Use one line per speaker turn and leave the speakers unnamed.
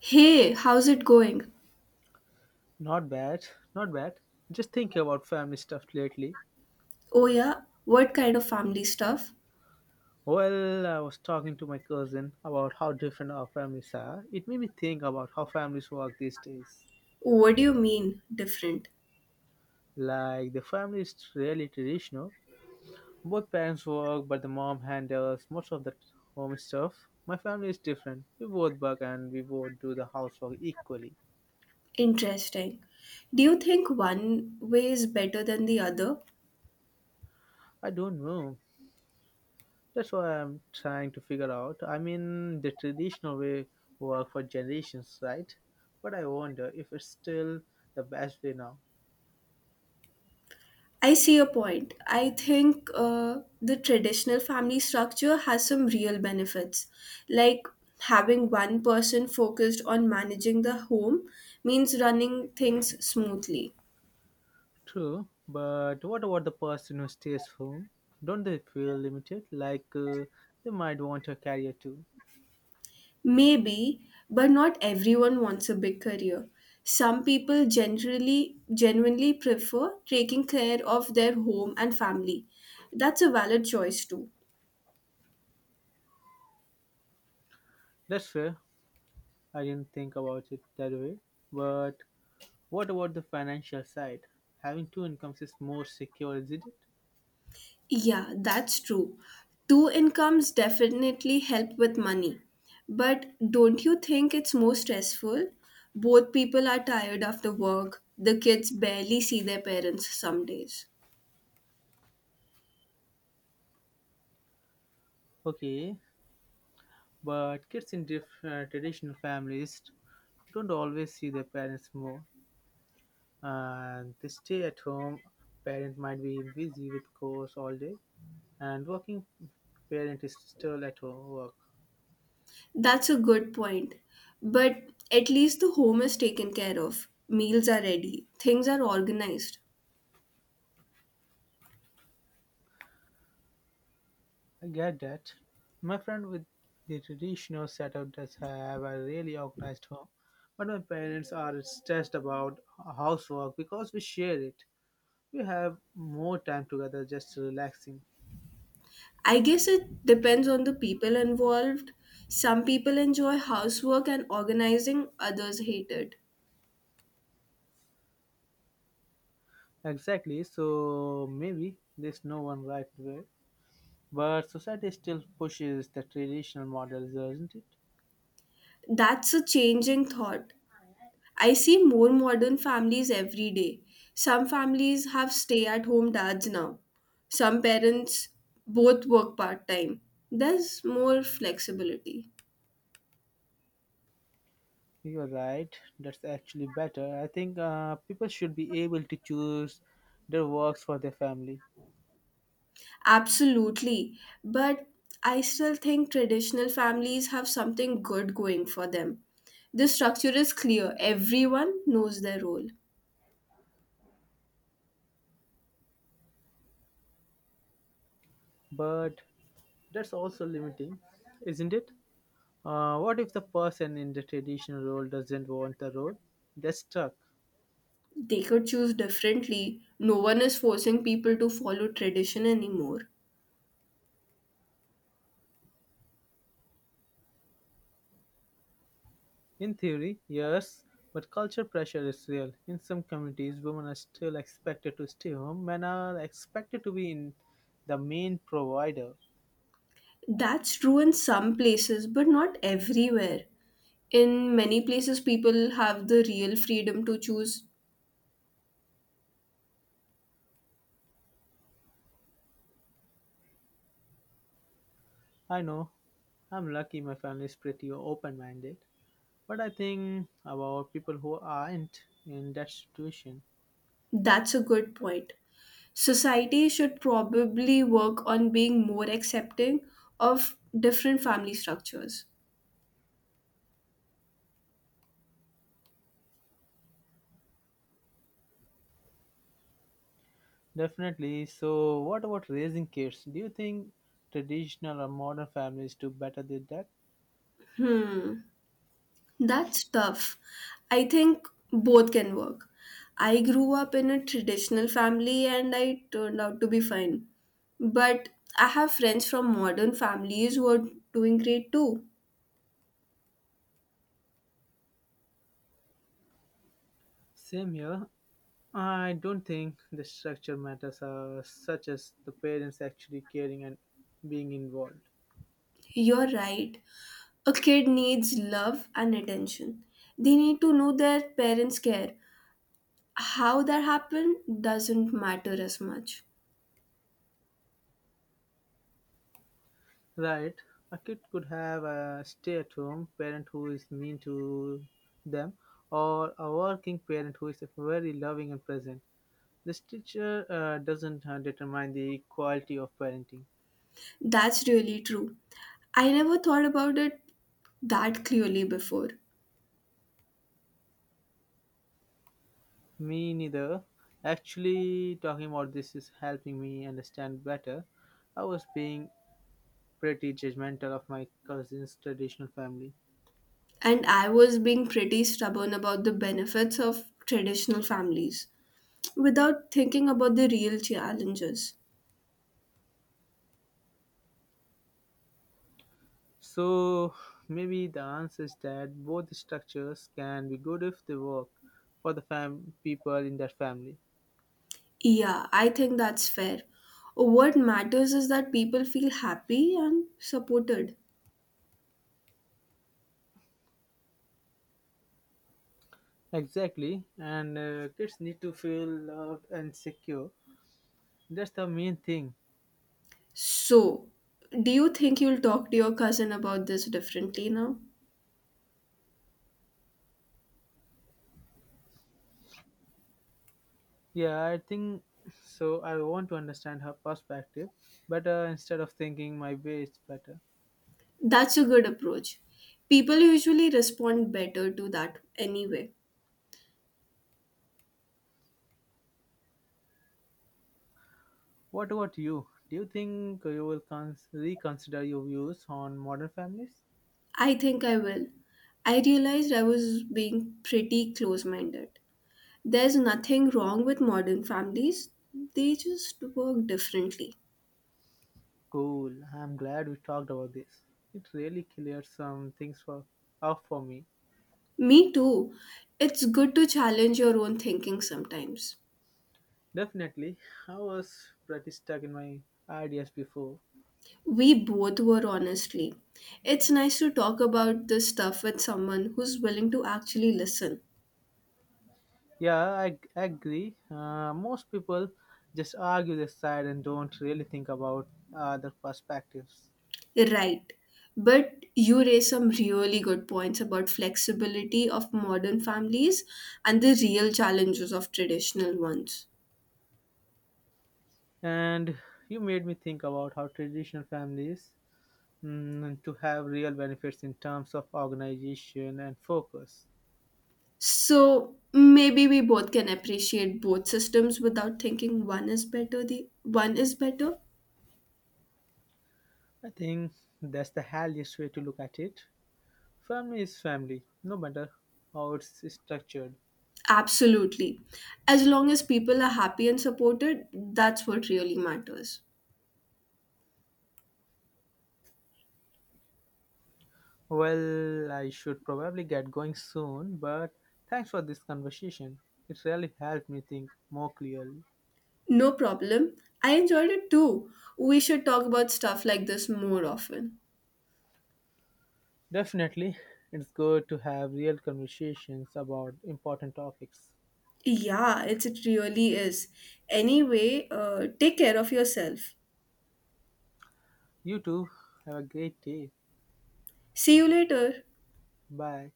Hey, how's it going?
Not bad, not bad. Just thinking about family stuff lately.
Oh, yeah? What kind of family stuff?
Well, I was talking to my cousin about how different our families are. It made me think about how families work these days.
What do you mean, different?
Like, the family is really traditional. Both parents work, but the mom handles most of the home stuff. My family is different. We both work and we both do the housework equally.
Interesting. Do you think one way is better than the other?
I don't know. That's what I'm trying to figure out. I mean, the traditional way worked for generations, right? But I wonder if it's still the best way now.
I see your point. I think the traditional family structure has some real benefits. Like having one person focused on managing the home means running things smoothly.
True, but what about the person who stays home? Don't they feel limited? Like they might want a career too.
Maybe, but not everyone wants a big career. Some people generally genuinely prefer taking care of their home and family. That's a valid choice too.
That's fair. I didn't think about it that way. But what about the financial side? Having two incomes is more secure, isn't it?
Yeah, that's true. Two incomes definitely help with money. But don't you think it's more stressful? Both people are tired after work. The kids barely see their parents some days.
Okay, but kids in different traditional families don't always see their parents more and they stay at home parent might be busy with chores all day and working parent is still at home work.
That's a good point. But at least the home is taken care of. Meals are ready. Things are organized.
I get that. My friend with the traditional setup does have a really organized home, but my parents are stressed about housework because we share it. We have more time together just relaxing.
I guess it depends on the people involved. Some people enjoy housework and organizing, others hate it.
Exactly, so maybe there's no one right way. But society still pushes the traditional models, doesn't it?
That's a changing thought. I see more modern families every day. Some families have stay at home dads now. Some parents both work part time. There's more flexibility.
You're right. That's actually better. I think people should be able to choose their works for their family.
Absolutely. But I still think traditional families have something good going for them. The structure is clear, everyone knows their role.
But that's also limiting, isn't it? What if the person in the traditional role doesn't want the role? They're stuck.
They could choose differently. No one is forcing people to follow tradition anymore.
In theory, yes, but culture pressure is real. In some communities, women are still expected to stay home, men are expected to be in the main provider.
That's true in some places, but not everywhere. In many places, people have the real freedom to choose.
I know I'm lucky my family is pretty open minded, but I think about people who aren't in that situation.
That's a good point. Society should probably work on being more accepting of different family structures.
Definitely. So, what about raising kids? Do you think traditional or modern families do better than that?
Hmm, that's tough. I think both can work. I grew up in a traditional family and I turned out to be fine. But I have friends from modern families who are doing great too.
Same here. I don't think the structure matters, such as the parents actually caring and being involved.
You're right. A kid needs love and attention. They need to know their parents care. How that happened doesn't matter as much.
Right. A kid could have a stay at home parent who is mean to them, or a working parent who is very loving and present. The teacher doesn't determine the quality of parenting.
That's really true. I never thought about it that clearly before.
Me neither. Actually, talking about this is helping me understand better. I was being pretty judgmental of my cousin's traditional family.
And I was being pretty stubborn about the benefits of traditional families without thinking about the real challenges.
So, maybe the answer is that both structures can be good if they work for people in that family.
Yeah, I think that's fair. What matters is that people feel happy and supported.
Exactly, and kids need to feel loved and secure. That's the main thing.
So, do you think you'll talk to your cousin about this differently now?
Yeah, I think so. I want to understand her perspective better instead of thinking my way is better.
That's a good approach. People usually respond better to that anyway.
What about you? Do you think you will reconsider your views on modern families?
I think I will. I realized I was being pretty close minded. There's nothing wrong with modern families, they just work differently.
Cool. I'm glad we talked about this. It really cleared some things for off for me.
Me too. It's good to challenge your own thinking sometimes.
Definitely, I was pretty stuck in my ideas before.
We both were honestly. It's nice to talk about this stuff with someone who's willing to actually listen.
Yeah, I agree. Most people just argue their side and don't really think about other perspectives.
Right. But you raise some really good points about flexibility of modern families and the real challenges of traditional ones.
And you made me think about how traditional families to have real benefits in terms of organization and focus.
So maybe we both can appreciate both systems without thinking one is better the one is better.
I think that's the healthiest way to look at it. Family is family no matter how it's structured.
Absolutely. As long as people are happy and supported, that's what really matters.
Well, I should probably get going soon, but thanks for this conversation. It really helped me think more clearly.
No problem. I enjoyed it too. We should talk about stuff like this more often.
Definitely, it's good to have real conversations about important topics.
Yeah, it really is. Anyway, take care of yourself.
You too, have a great day.
See you later.
Bye.